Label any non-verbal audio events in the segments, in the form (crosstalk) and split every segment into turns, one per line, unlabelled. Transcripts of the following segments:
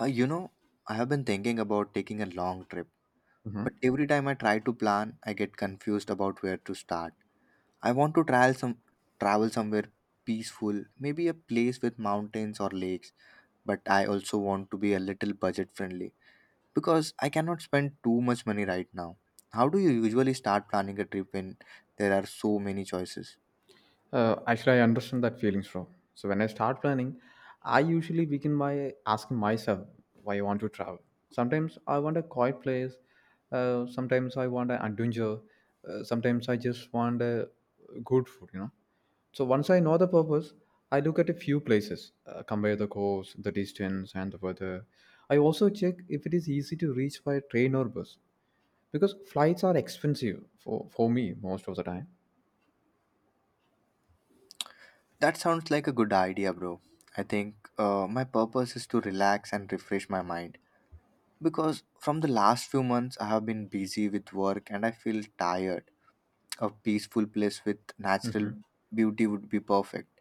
Uh, you know, I have been thinking about taking a long trip, but
Mhm.
every time I try to plan, I get confused about where to start. I want to travel somewhere peaceful, maybe a place with mountains or lakes, but I also want to be a little budget friendly because I cannot spend too much money right now. How do you usually start planning a trip when there are so many choices?
Actually, I understand that feelings from. So when I start planning, I usually begin by asking myself why I want to travel. Sometimes I want a quiet place. Sometimes I want an adventure. Sometimes I just want a good food. So once I know the purpose, I look at a few places, compare the cost, the distance, and the weather. I also check if it is easy to reach by train or bus because flights are expensive for me most of the time.
That sounds like a good idea, bro. I think my purpose is to relax and refresh my mind because from the last few months, I have been busy with work and I feel tired. A peaceful place with natural
Mhm.
beauty would be perfect.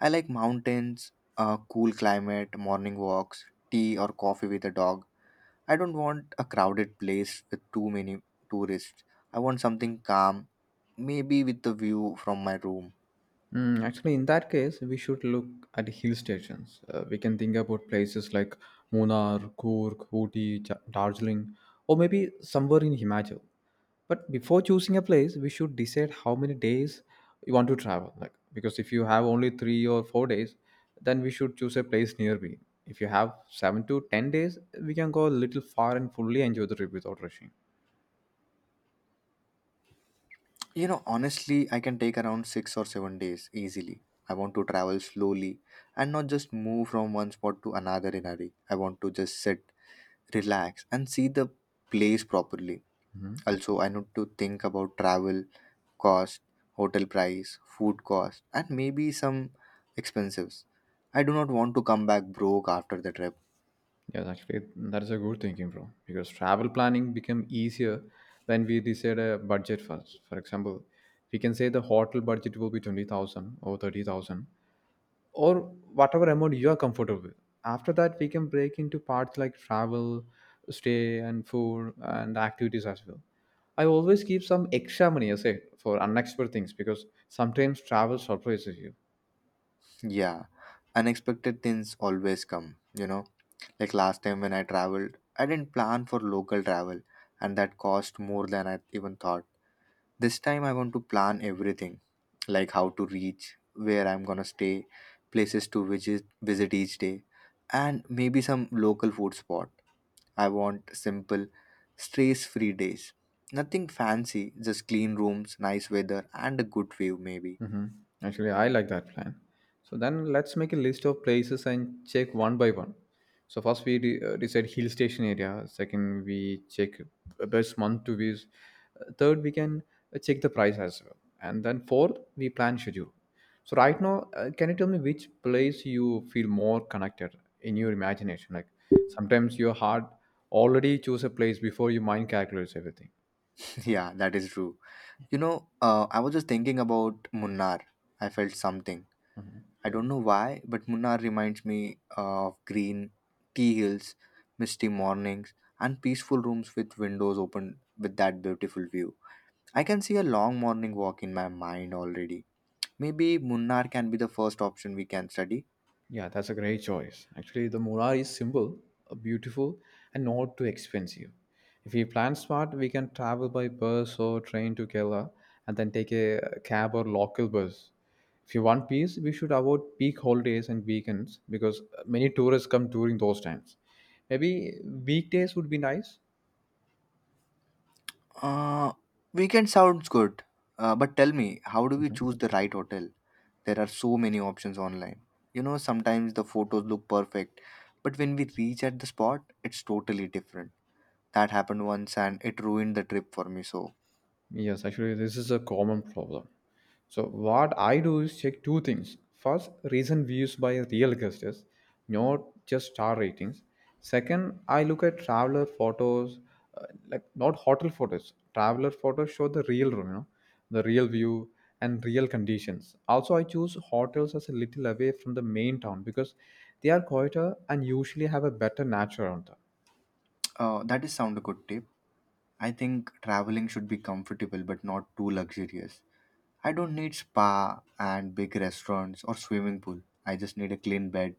I like mountains, a cool climate, morning walks, tea or coffee with a dog. I don't want a crowded place with too many tourists. I want something calm, maybe with a view from my room.
Actually, in that case, we should look at hill stations. We can think about places like Munnar, Coorg, Ooty, Darjeeling, or maybe somewhere in Himachal. But before choosing a place, we should decide how many days you want to travel. Like because if you have only 3 or 4 days, then we should choose a place nearby. If you have 7 to 10 days, we can go a little far and fully enjoy the trip without rushing.
You know, honestly, I can take around 6 or 7 days easily. I want to travel slowly and not just move from one spot to another in a hurry. I want to just sit, relax, and see the place properly. Also, I need to think about travel cost, hotel price, food cost, and maybe some expenses. I do not want to come back broke after the trip.
Yes, actually, that's a good thinking, bro. Because travel planning become easier when we decide a budget first. For example, we can say the hotel budget will be 20,000 or 30,000 or whatever amount you are comfortable with. After that, we can break into parts like travel, stay, and food and activities as well. I always keep some extra money aside for unexpected things because sometimes travel surprises you.
Yeah, unexpected things always come, you know. Like last time when I traveled, I didn't plan for local travel, and that cost more than I even thought. This time, I want to plan everything like how to reach, where I'm gonna stay, places to visit each day, and maybe some local food spot. I want simple, stress free days. Nothing fancy, just clean rooms, nice weather, and a good view, maybe.
Mm-hmm. Actually, I like that plan. So then let's make a list of places and check one by one. So first we decide hill station area. Second, we check best month to visit. Third, we can check the price as well. And then fourth, we plan schedule. So right now, can you tell me which place you feel more connected in your imagination? Like sometimes your heart already choose a place before your mind calculates everything.
(laughs) Yeah, that is true. You know, I was just thinking about Munnar. I felt something. I don't know why, but Munnar reminds me of green tea hills, misty mornings, and peaceful rooms with windows open with that beautiful view. I can see a long morning walk in my mind already. Maybe Munnar can be the first option we can study.
Yeah, that's a great choice. Actually, the Mora is simple, beautiful, and not too expensive. If we plan smart, we can travel by bus or train to Kerala and then take a cab or local bus. If you want peace, we should avoid peak holidays and weekends because many tourists come during those times. Maybe weekdays would be nice.
Uh, Weekend sounds good, but tell me, how do we choose the right hotel? There are so many options online. You know, sometimes the photos look perfect, but when we reach at the spot, it's totally different. That happened once and it ruined the trip for me. So,
Yes, actually, this is a common problem. So, what I do is check two things. First, recent views by real guests, not just star ratings. Second, I look at traveler photos, like not hotel photos. Traveler photos show the real room, you know, the real view and real conditions. Also, I choose hotels as a little away from the main town because they are quieter and usually have a better nature around them.
that is sound a good tip. I think traveling should be comfortable but not too luxurious. I don't need spa and big restaurants or swimming pool. I just need a clean bed,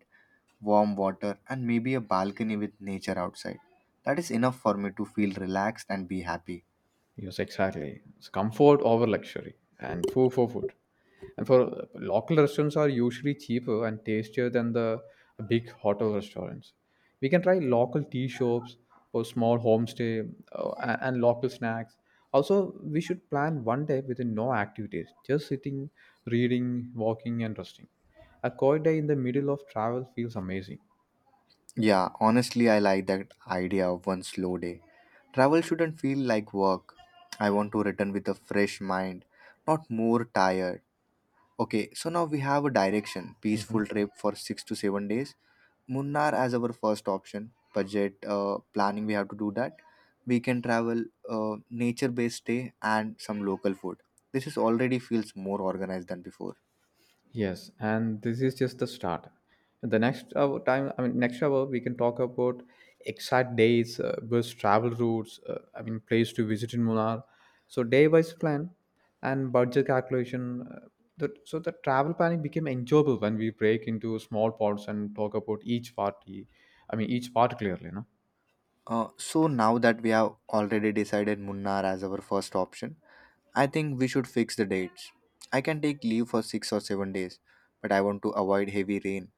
warm water, and maybe a balcony with nature outside. That is enough for me to feel relaxed and be happy.
Yes, exactly. It's comfort over luxury and food for food. And for local restaurants are usually cheaper and tastier than the big hotel restaurants. We can try local tea shops or small homestay and local snacks. Also, we should plan one day with no activities, just sitting, reading, walking, and resting. A quiet day in the middle of travel feels amazing.
Yeah, honestly, I like that idea of one slow day. Travel shouldn't feel like work. I want to return with a fresh mind, not more tired. Okay, so now we have a direction: peaceful
Mm-hmm.
trip for 6 to 7 days, Munnar as our first option. Budget planning, we have to do that. We can travel, nature-based stay, and some local food. This is already feels more organized than before.
Yes, and this is just the start. The next hour time, I mean, next hour we can talk about exact dates, bus travel routes. Place to visit in Munnar. So day-wise plan and budget calculation. So the travel planning became enjoyable when we break into small parts and talk about each part clearly, no?
So now that we have already decided Munnar as our first option, I think we should fix the dates. I can take leave for 6 or 7 days, but I want to avoid heavy rain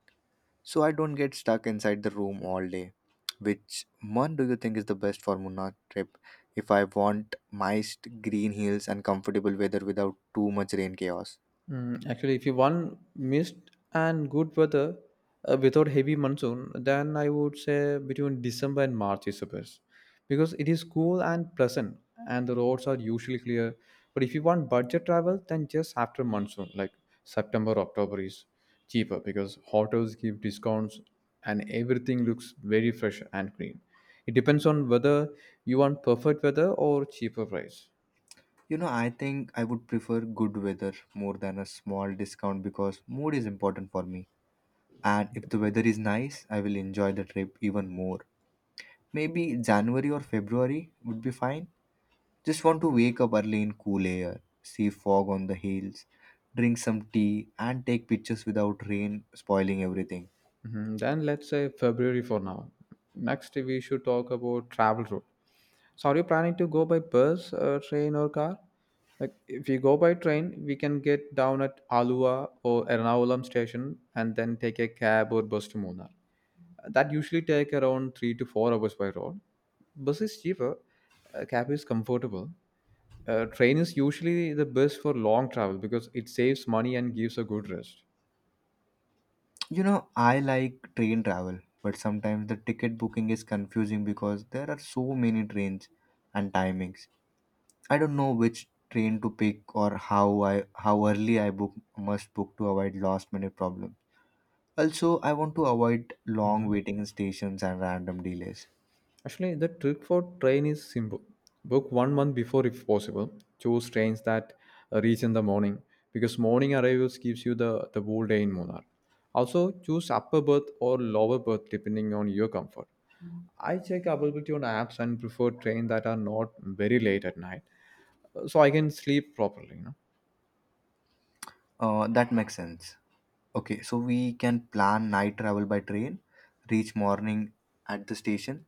so I don't get stuck inside the room all day. Which one do you think is the best for Munnar trip? If I want moist green hills and comfortable weather without too much rain chaos.
Mm, actually, if you want mist and good weather without heavy monsoon, then I would say between December and March is the best because it is cool and pleasant, and the roads are usually clear. But if you want budget travel, then just after monsoon, like September, October is cheaper because hotels give discounts and everything looks very fresh and green. It depends on whether you want perfect weather or cheaper price.
You know, I think I would prefer good weather more than a small discount because mood is important for me. And if the weather is nice, I will enjoy the trip even more. Maybe January or February would be fine. Just want to wake up early in cool air, see fog on the hills, drink some tea, and take pictures without rain spoiling everything.
Mhm. Then let's say February for now. Next, we should talk about travel route. So, are you planning to go by bus, train, or car? Like, if you go by train, we can get down at Alua or Ernakulam station and then take a cab or bus to Munnar. That usually take around 3 to 4 hours by road. Bus is cheaper, cab is comfortable. Train is usually the best for long travel because it saves money and gives a good rest.
You know, I like train travel, but sometimes the ticket booking is confusing because there are so many trains and timings. I don't know which train to pick or how early I book must book to avoid last minute problems. Also, I want to avoid long
Mhm.
waiting in stations and random delays.
Actually, the trick for train is simple. Book 1 month before if possible. Choose trains that reach in the morning because morning arrivals gives you the whole day in Munnar. Also, choose upper berth or lower berth depending on your comfort. I check availability on apps and prefer trains that are not very late at night, so I can sleep properly. You know?
That makes sense. Okay, so we can plan night travel by train, reach morning at the station,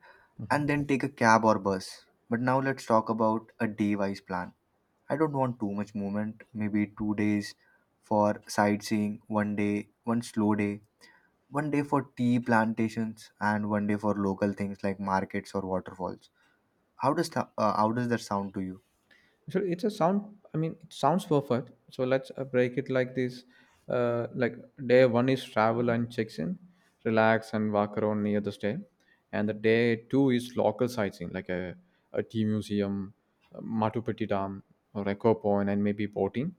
and then take a cab or bus. But now let's talk about a day wise plan. I don't want too much movement, maybe 2 days for sightseeing, one day, one slow day, one day for tea plantations, and one day for local things like markets or waterfalls. How does that sound to you?
So it's a sound. I mean, it sounds perfect. So let's break it like this. Like day one is travel and checks in, relax and walk around near the stay, and the day two is local sightseeing like a tea museum, Machu Picchu Dam, or Echo Point, and maybe boating,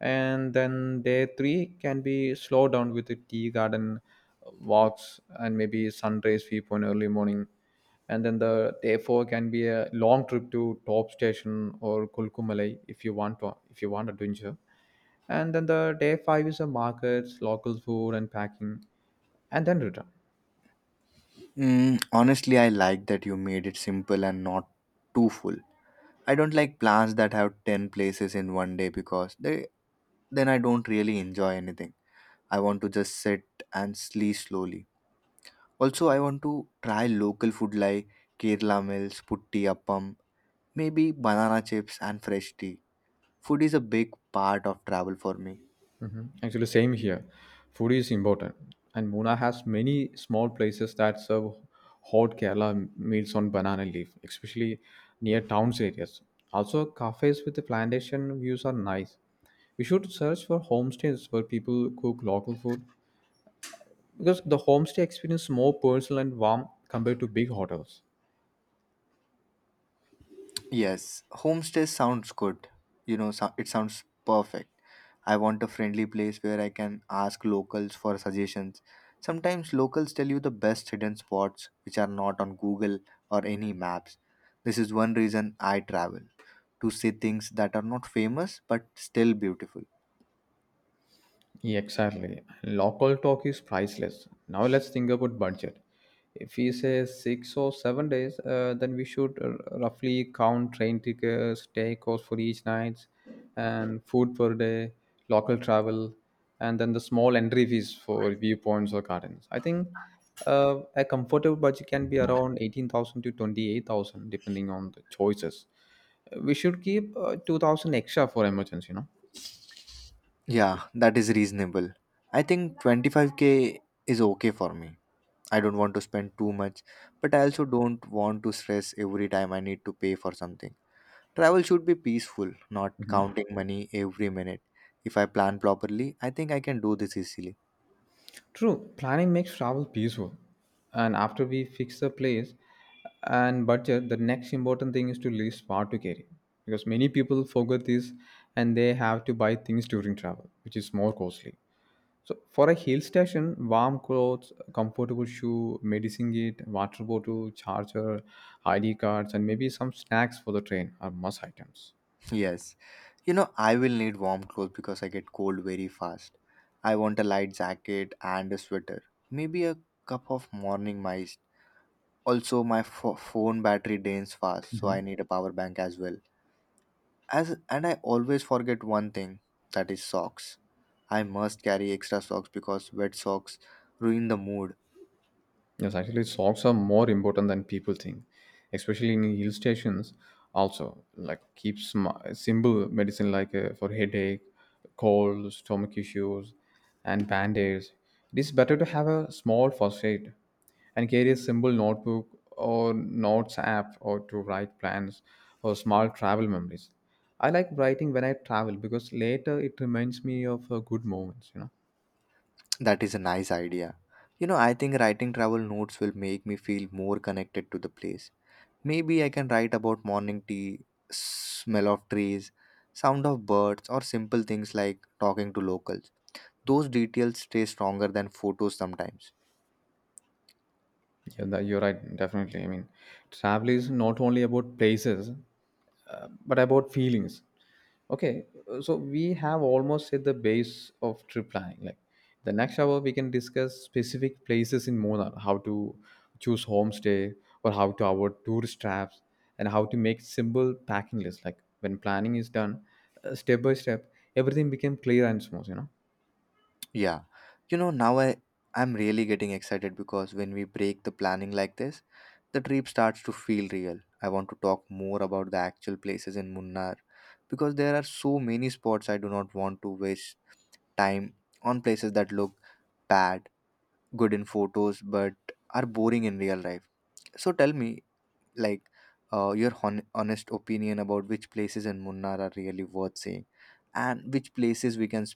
and then day three can be slowed down with the tea garden walks and maybe sunrise viewpoint early morning, and then the day four can be a long trip to top station or kulkumalai if you want adventure, and then the day five is a markets local food and packing, and then return.
Mm, honestly, I like that you made it simple and not too full. I don't like plans that have 10 places in one day because they then I don't really enjoy anything. I want to just sit and sleep slowly. Also, I want to try local food like Kerala meals, putti appam, maybe banana chips and fresh tea. Food is a big part of travel for me.
Mhm. Actually, same here. Food is important, and Muna has many small places that serve hot Kerala meals on banana leaf, especially near towns areas. Also, cafes with the plantation views are nice. We should search for homestays where people cook local food because the homestay experience is more personal and warm compared to big hotels.
Yes, homestay sounds good. You know, It sounds perfect. I want a friendly place where I can ask locals for suggestions. Sometimes locals tell you the best hidden spots which are not on Google or any maps. This is one reason I travel to see things that are not famous but still beautiful.
Yeah, exactly. Local talk is priceless. Now let's think about budget. If we say 6 or 7 days, then we should roughly count train tickets, stay costs for each night, and food per day, local travel, and then the small entry fees for viewpoints or gardens. I think a comfortable budget can be around 18,000 to 28,000, depending on the choices. We should keep 2,000 extra for emergency, you know.
Yeah, that is reasonable. I think 25K is okay for me. I don't want to spend too much, but I also don't want to stress every time I need to pay for something. Travel should be peaceful, not counting money every minute. If I plan properly, I think I can do this easily.
True, planning makes travel peaceful. And after we fix the place and budget, the next important thing is to list what to carry. Because many people forget this and they have to buy things during travel, which is more costly. So for a hill station, warm clothes, comfortable shoe, medicine kit, water bottle, charger, ID cards, and maybe some snacks for the train are must items.
(laughs) Yes. You know, I will need warm clothes because I get cold very fast. I want a light jacket and a sweater. Maybe a cup of morning mist. Also, my phone battery drains fast, so I
Mhm.
need a power bank as well. As and I always forget one thing, that is socks. I must carry extra socks because wet socks ruin the mood.
Yes, actually, socks are more important than people think, especially in hill stations. Also, like keep simple medicine like for headache, cold, stomach issues, and band-aids. It is better to have a small first aid and carry a simple notebook or notes app or to write plans or small travel memories. I like writing when I travel because later it reminds me of good moments, you know.
That is a nice idea. You know, I think writing travel notes will make me feel more connected to the place. Maybe I can write about morning tea, smell of trees, sound of birds, or simple things like talking to locals. Those details stay stronger than photos sometimes.
Yeah, you're right. Definitely. I mean, travel is not only about places, but about feelings. Okay, so we have almost hit the base of trip planning. Like the next hour, we can discuss specific places in Munnar, how to choose homestay or how to avoid tourist traps, and how to make simple packing lists. Like when planning is done, step by step, everything became clear and smooth. You know.
Yeah. You know, now I'm really getting excited because when we break the planning like this, the trip starts to feel real. I want to talk more about the actual places in Munnar because there are so many spots I do not want to waste time on places that look bad, good in photos, but are boring in real life. So tell me, like, your honest opinion about which places in Munnar are really worth seeing, and which places we can s-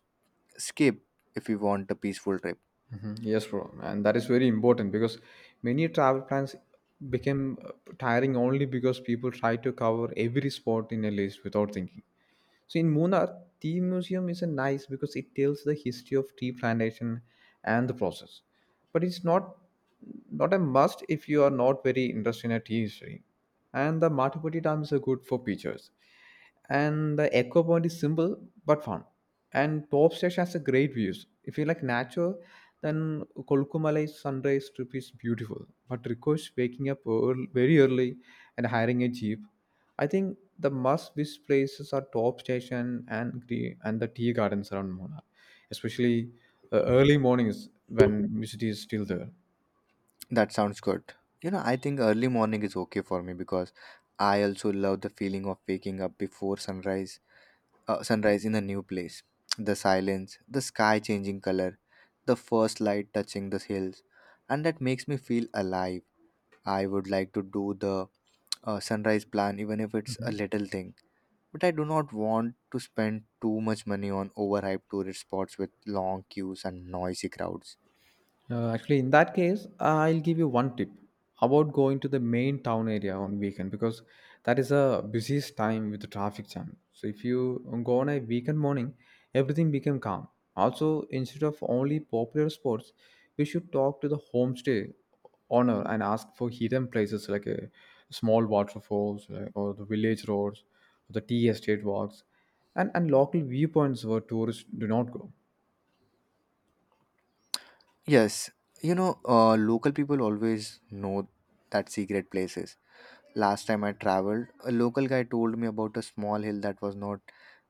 skip if we want a peaceful trip.
Mhm. Yes, bro, and that is very important because many travel plans became tiring only because people try to cover every spot in a list without thinking. So in Munnar, tea museum is a nice because it tells the history of tea plantation and the process. But it's not a must if you are not very interested in a tea history. And the Matapati Dam is a good for pictures. And the Echo Point is simple but fun. And Top Station has a great views. If you like nature, then Kolkumalai sunrise trip is beautiful. But requires waking up very early and hiring a jeep. I think the must visit places are top station and the tea gardens around Munnar, especially early mornings when music is still there.
That sounds good. You know, I think early morning is okay for me because I also love the feeling of waking up before sunrise sunrise in a new place. The silence, the sky changing color, the first light touching the hills, and that makes me feel alive. I would like to do the sunrise plan, even if it's a little thing. But I do not want to spend too much money on overhyped tourist spots with long queues and noisy crowds.
Actually, in that case, I'll give you one tip about going to the main town area on weekend because that is a busiest time with the traffic jam. So if you go on a weekend morning, everything become calm. Also, instead of only popular spots, we should talk to the homestay owner and ask for hidden places like a small waterfalls or the village roads, or the tea estate walks, and local viewpoints where tourists do not go.
Yes, you know, local people always know that secret places. Last time I traveled, a local guy told me about a small hill that was not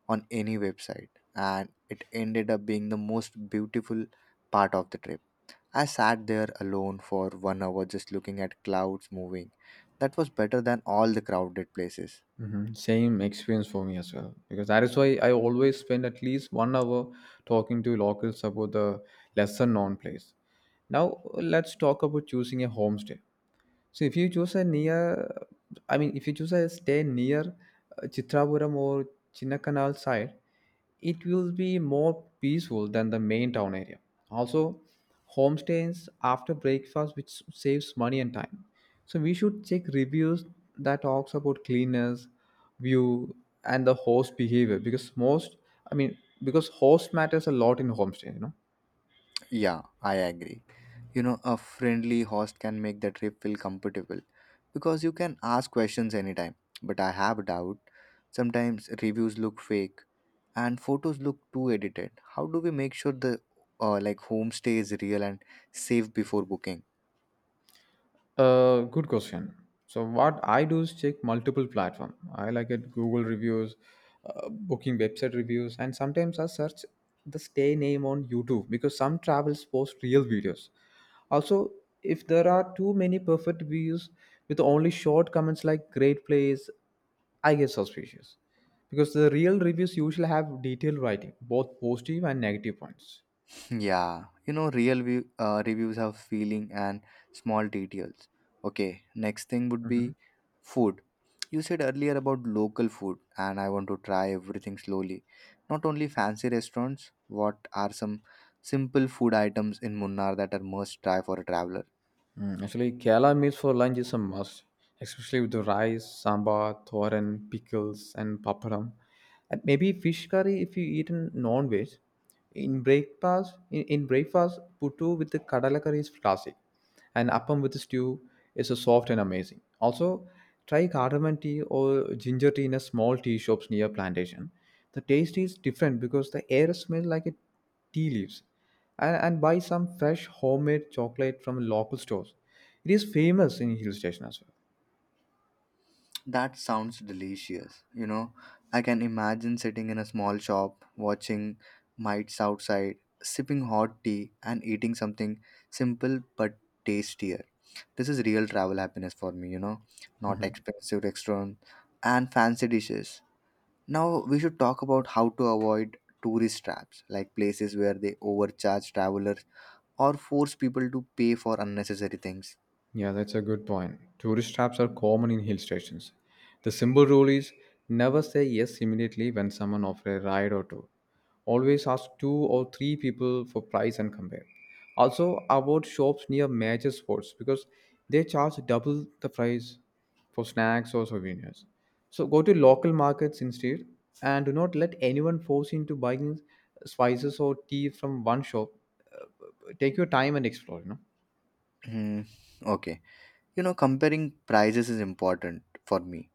on any website, and it ended up being the most beautiful part of the trip. I sat there alone for one hour just looking at clouds moving. That was better than all the crowded places.
Hmm. Same experience for me as well. Because that is why I always spend at least 1 hour talking to locals about the lesser known place. Now, let's talk about choosing a homestay. So if you choose a near, I mean, if you choose a stay near Chitrapuram or Chinnakanal side, it will be more peaceful than the main town area. Also, homestays after breakfast, which saves money and time. So we should check reviews that talks about cleanliness, view, and the host behavior because I mean, because host matters a lot in homestay.
Yeah, I agree. You know, a friendly host can make the trip feel comfortable because you can ask questions anytime. But I have a doubt. Sometimes reviews look fake and photos look too edited. How do we make sure the like homestay is real and safe before booking?
Good question. So what I do is check multiple platform. I like it Google reviews, booking website reviews, and sometimes I search the stay name on YouTube because some travels post real videos. Also, if there are too many perfect views with only short comments like great place, I get suspicious because the real reviews usually have detailed writing, both positive and negative points.
(laughs) Yeah, you know, real reviews have feeling and small details. Okay, next thing would
Mhm.
be food. You said earlier about local food, and I want to try everything slowly. Not only fancy restaurants. What are some simple food items in Munnar that are must try for a traveler?
Actually, Kerala meals for lunch is a must, especially with the rice, sambar, thoran, pickles, and papadam. And maybe fish curry if you eat in non-veg. In breakfast, puttu with the kadala curry is classic, and appam with the stew is a soft and amazing. Also, try cardamom tea or ginger tea in a small tea shops near plantation. The taste is different because the air smells like a tea leaves and buy some fresh homemade chocolate from local stores. It is famous in hill station as well.
That sounds delicious. You know, I can imagine sitting in a small shop, watching mites outside, sipping hot tea, and eating something simple but tastier. This is real travel happiness for me, you know, not expensive restaurants and fancy dishes. Now, we should talk about how to avoid tourist traps, like places where they overcharge travelers or force people to pay for unnecessary things.
Yeah, that's a good point. Tourist traps are common in hill stations. The simple rule is never say yes immediately when someone offers a ride or tour. Always ask two or three people for price and compare. Also, avoid shops near major sports because they charge double the price for snacks or souvenirs. So go to local markets instead and do not let anyone force you into buying spices or tea from one shop. Uh, Take your time and explore, you know.
Hmm, okay. You know, comparing prices is important for me.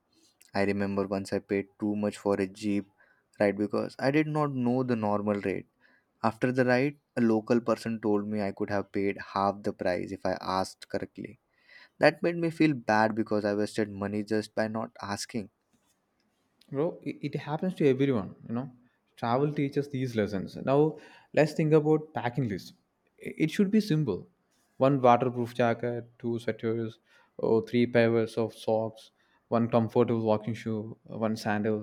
I remember once I paid too much for a Jeep ride because I did not know the normal rate. After the ride, a local person told me I could have paid half the price if I asked correctly. That made me feel bad because I wasted money just by not asking.
Bro, it happens to everyone. Travel teaches these lessons. Now let's think about packing list. It should be simple. One waterproof jacket, two sweaters or three pairs of socks, one comfortable walking shoe, one sandal,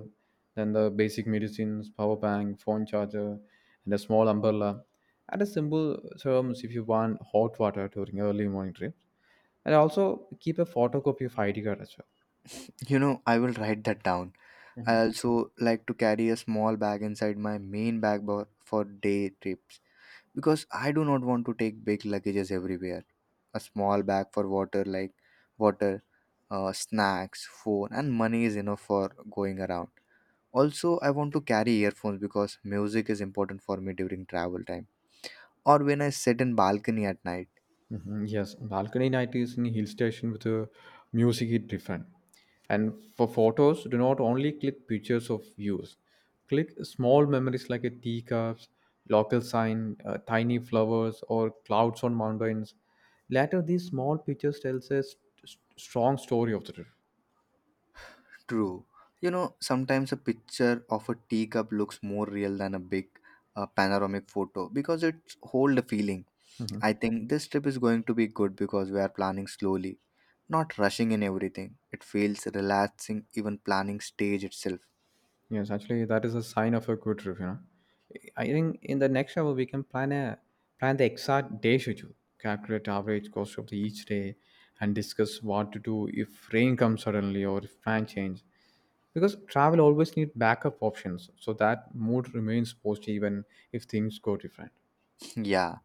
then the basic medicines, power bank, phone charger, and a small umbrella, and a simple terms if you want hot water during early morning trips. And also keep a photocopy of ID card as well.
You know, I will write that down. I also like to carry a small bag inside my main bag for day trips, because I do not want to take big luggages everywhere. A small bag for water, like water, snacks, phone, and money is enough for going around. Also, I want to carry earphones because music is important for me during travel time or when I sit in balcony at night.
Yes, balcony night is in hill station with a music hit different. And for photos, do not only click pictures of views. Click small memories like a teacups, local sign, tiny flowers, or clouds on mountains. Later, these small pictures tells a strong story of the trip.
True. You know, sometimes a picture of a teacup looks more real than a big panoramic photo because it hold a feeling. I think this trip is going to be good because we are planning slowly, not rushing in everything. It feels relaxing, even planning stage itself.
Yes, actually, that is a sign of a good trip. You know, I think in the next hour we can plan the exact day schedule, calculate average cost of the each day, and discuss what to do if rain comes suddenly or if plan change. Because travel always need backup options, so that mood remains positive even if things go different.
(laughs) Yeah.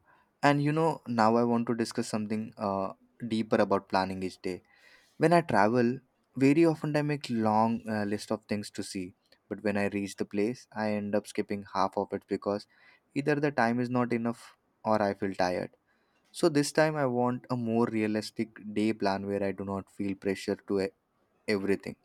And you know, now I want to discuss something deeper about planning each day. When I travel, very often I make long list of things to see, but when I reach the place, I end up skipping half of it because either the time is not enough or I feel tired. So this time I want a more realistic day plan where I do not feel pressure to everything.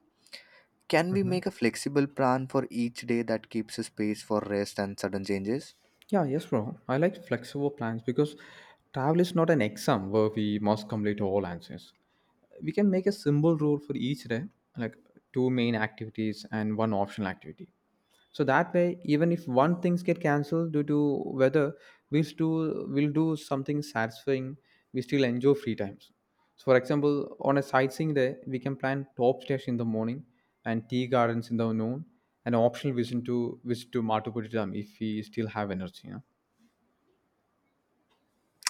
Can we
hmm
make a flexible plan for each day that keeps a space for rest and sudden changes?
Yeah, yes, bro. I like flexible plans because travel is not an exam where we must complete all answers. We can make a simple rule for each day, like two main activities and one optional activity, so that way even if one things get cancelled due to weather, we'll do something satisfying. We still enjoy free times. So for example, on a sightseeing day, we can plan top stairs in the morning and tea gardens in the noon, and optional visit to matupuri dam if we still have energy, you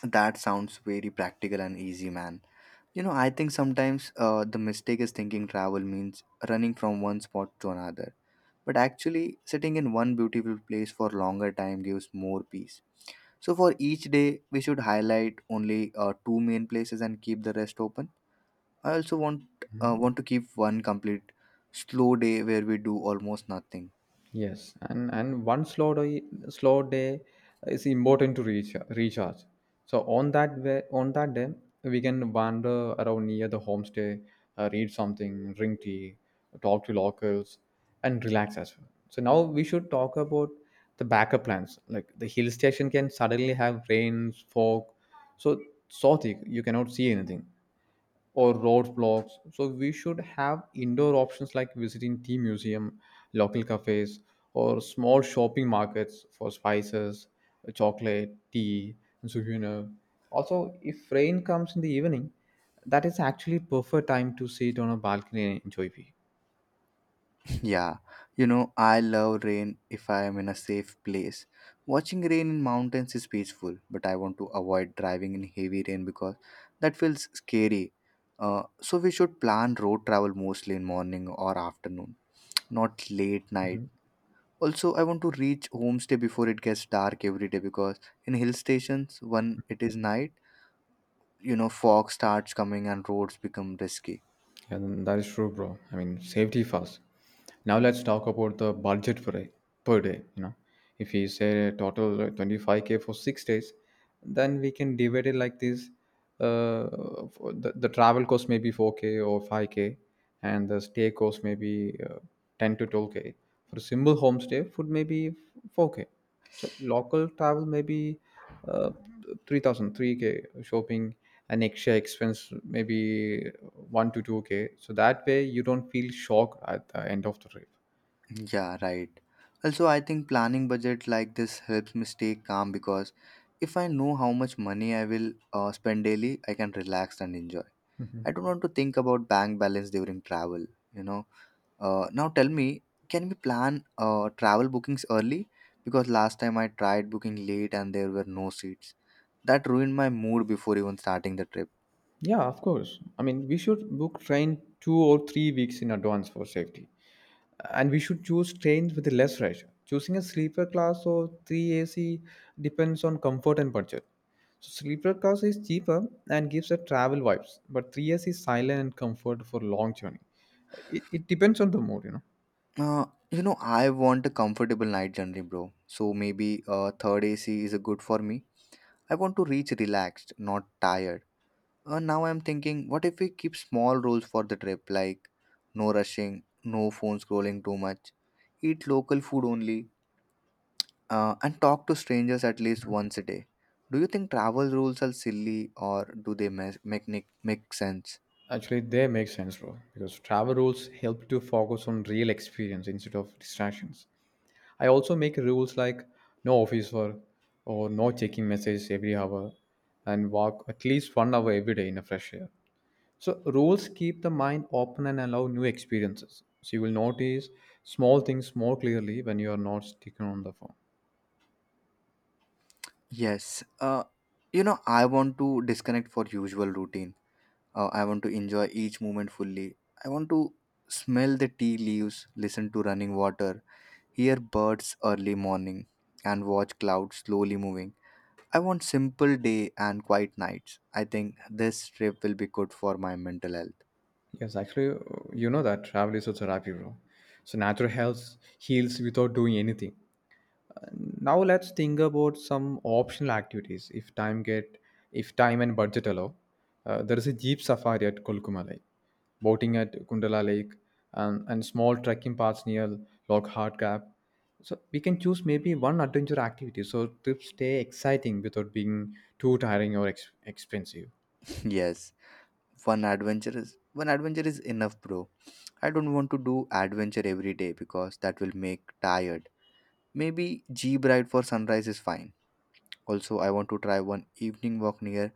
That sounds very practical and easy, man. You know, I think sometimes the mistake is thinking travel means running from one spot to another. But actually, sitting in one beautiful place for longer time gives more peace. So, for each day, we should highlight only two main places and keep the rest open. I also
know?
want to keep one complete slow day where we do almost nothing.
Yes, and one slow day is important to reach recharge. So on that way, on that day, we can wander around near the homestay, read something, drink tea, talk to locals, and relax as well. So now we should talk about the backup plans. Like the hill station can suddenly have rains, fog so thick you cannot see anything, or roadblocks. So we should have indoor options like visiting tea museum, local cafes, or small shopping markets for spices, chocolate, tea, and souvenir. Also, if rain comes in the evening, that is actually perfect time to sit on a balcony and enjoy view.
Yeah, you know, I love rain if I am in a safe place. Watching rain in mountains is peaceful, but I want to avoid driving in heavy rain because that feels scary. So we should plan road travel mostly in morning or afternoon, not late night. Also, I want to reach homestay before it gets dark every day because in hill stations, when it is night, you know, fog starts coming and roads become risky.
Yeah, then that is true, bro. I mean, safety first. Now let's talk about the budget per day. Per day, you know, if we say a total 25K for 6 days, then we can divide it like this. For the travel cost may be 4K or 5K, and the stay cost may be 10 to 12K. For a simple homestay, food may be 4K. So local travel may be uh, 3,000, 3K, shopping an extra expense, maybe 1 to 2K. So that way you don't feel shock at the end of the trip.
Yeah, right. Also, I think planning budget like this helps me stay calm because if I know how much money I will spend daily, I can relax and enjoy.
Mhm.
I don't want to think about bank balance during travel, you know. Now tell me, can we plan travel bookings early? Because last time I tried booking late and there were no seats. That ruined my mood before even starting the trip.
Yeah, of course. I mean, we should book train 2 or 3 weeks in advance for safety. And we should choose trains with less rush. Choosing a sleeper class or 3AC depends on comfort and budget. So sleeper class is cheaper and gives a travel vibes, but 3S is silent and comfort for long journey. It depends on the mood, you know.
You know, I want a comfortable night journey, bro. So maybe third AC is a good for me. I want to reach relaxed, not tired. Now I'm thinking, what if we keep small rules for the trip, like no rushing, no phone scrolling too much, eat local food only, and talk to strangers at least once a day? Do you think travel rules are silly or do they make sense?
Actually, they make sense, bro, because travel rules help to focus on real experience instead of distractions. I also make rules like no office work or no checking messages every hour, and walk at least 1 hour every day in a fresh air. So, rules keep the mind open and allow new experiences. So, you will notice small things more clearly when you are not sticking on the phone.
Yes. You know, I want to disconnect for usual routine. I want to enjoy each moment fully. I want to smell the tea leaves, listen to running water, hear birds early morning, and watch clouds slowly moving. I want simple day and quiet nights. I think this trip will be good for my mental health.
Yes, actually, you know that travel is also therapy, bro. So natural health heals without doing anything. Now let's think about some optional activities if time and budget allow. There is a jeep safari at Kolkuma Lake, boating at Kundala Lake, and small trekking paths near Lockhart Gap. So we can choose maybe one adventure activity so trips stay exciting without being too tiring or expensive.
(laughs) Yes, one adventure is enough, bro. I don't want to do adventure every day because that will make tired. Maybe jeep ride for sunrise is fine. Also, I want to try one evening walk near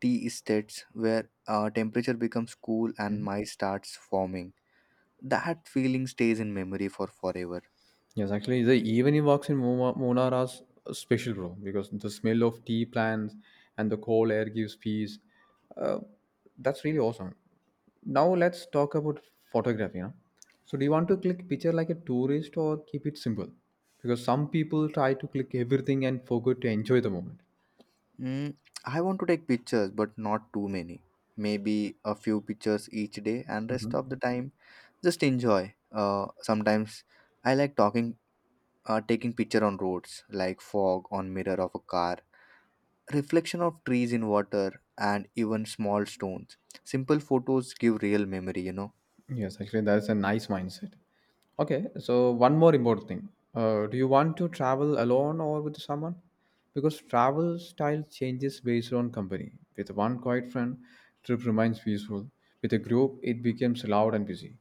tea estates where temperature becomes cool and my starts forming. That feeling stays in memory for forever.
Yes, actually, the evening walks in Munnar are special, bro, because the smell of tea plants and the cold air gives peace. Uh, that's really awesome. Now let's talk about photography. You know? So, do you want to click picture like a tourist or keep it simple? Because some people try to click everything and forget to enjoy the moment.
Mm, I want to take pictures, but not too many. Maybe a few pictures each day, and rest
Mhm.
of the time just enjoy. Sometimes I like talking, taking picture on roads, like fog on mirror of a car, reflection of trees in water, and even small stones. Simple photos give real memory, you know.
Yes, actually, that's a nice mindset. Okay, so one more important thing. Do you want to travel alone or with someone? Because travel style changes based on company. With one quiet friend, trip remains peaceful. With a group, it becomes loud and busy.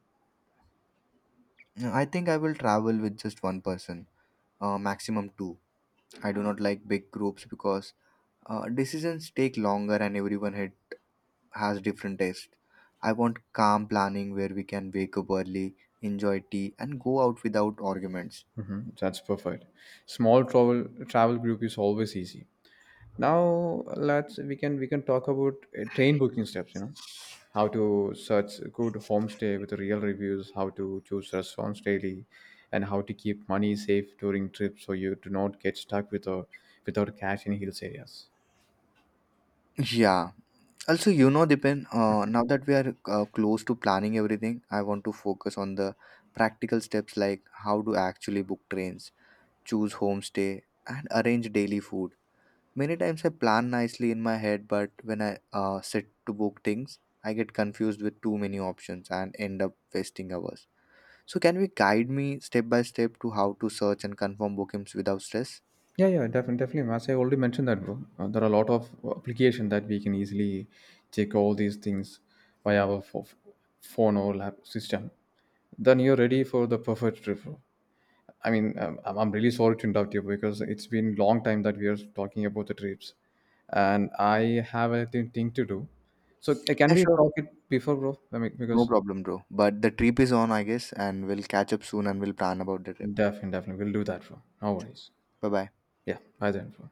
I think I will travel with just one person, maximum two. I do not like big groups because decisions take longer and everyone has different tastes. I want calm planning where we can wake up early, enjoy tea, and go out without arguments.
That's perfect. Small travel group is always easy. Now let's we can talk about train booking steps, you know, how to search good homestay with real reviews, how to choose restaurants daily, and how to keep money safe during trips so you do not get stuck without cash in hills areas.
Yeah. Also, you know, Dipen, now that we are close to planning everything, I want to focus on the practical steps like how to actually book trains, choose homestay, and arrange daily food. Many times I plan nicely in my head, but when I sit to book things, I get confused with too many options and end up wasting hours. So can we guide me step by step to how to search and confirm bookings without stress?
Yeah, yeah, definitely, definitely, as I already mentioned that, bro. There are a lot of application that we can easily check all these things by our phone or lap system. Then you're ready for the perfect trip, bro. I mean, I'm really sorry to interrupt you because it's been long time that we are talking about the trips, and I have a thing to do. So can
Yeah,
we
sure.
talk it before, bro? I mean,
No
because
problem, bro. But the trip is on, I guess, and we'll catch up soon and we'll plan about the trip.
definitely, definitely, we'll do that, bro. No worries.
Bye bye.
Yeah, bye then, bro.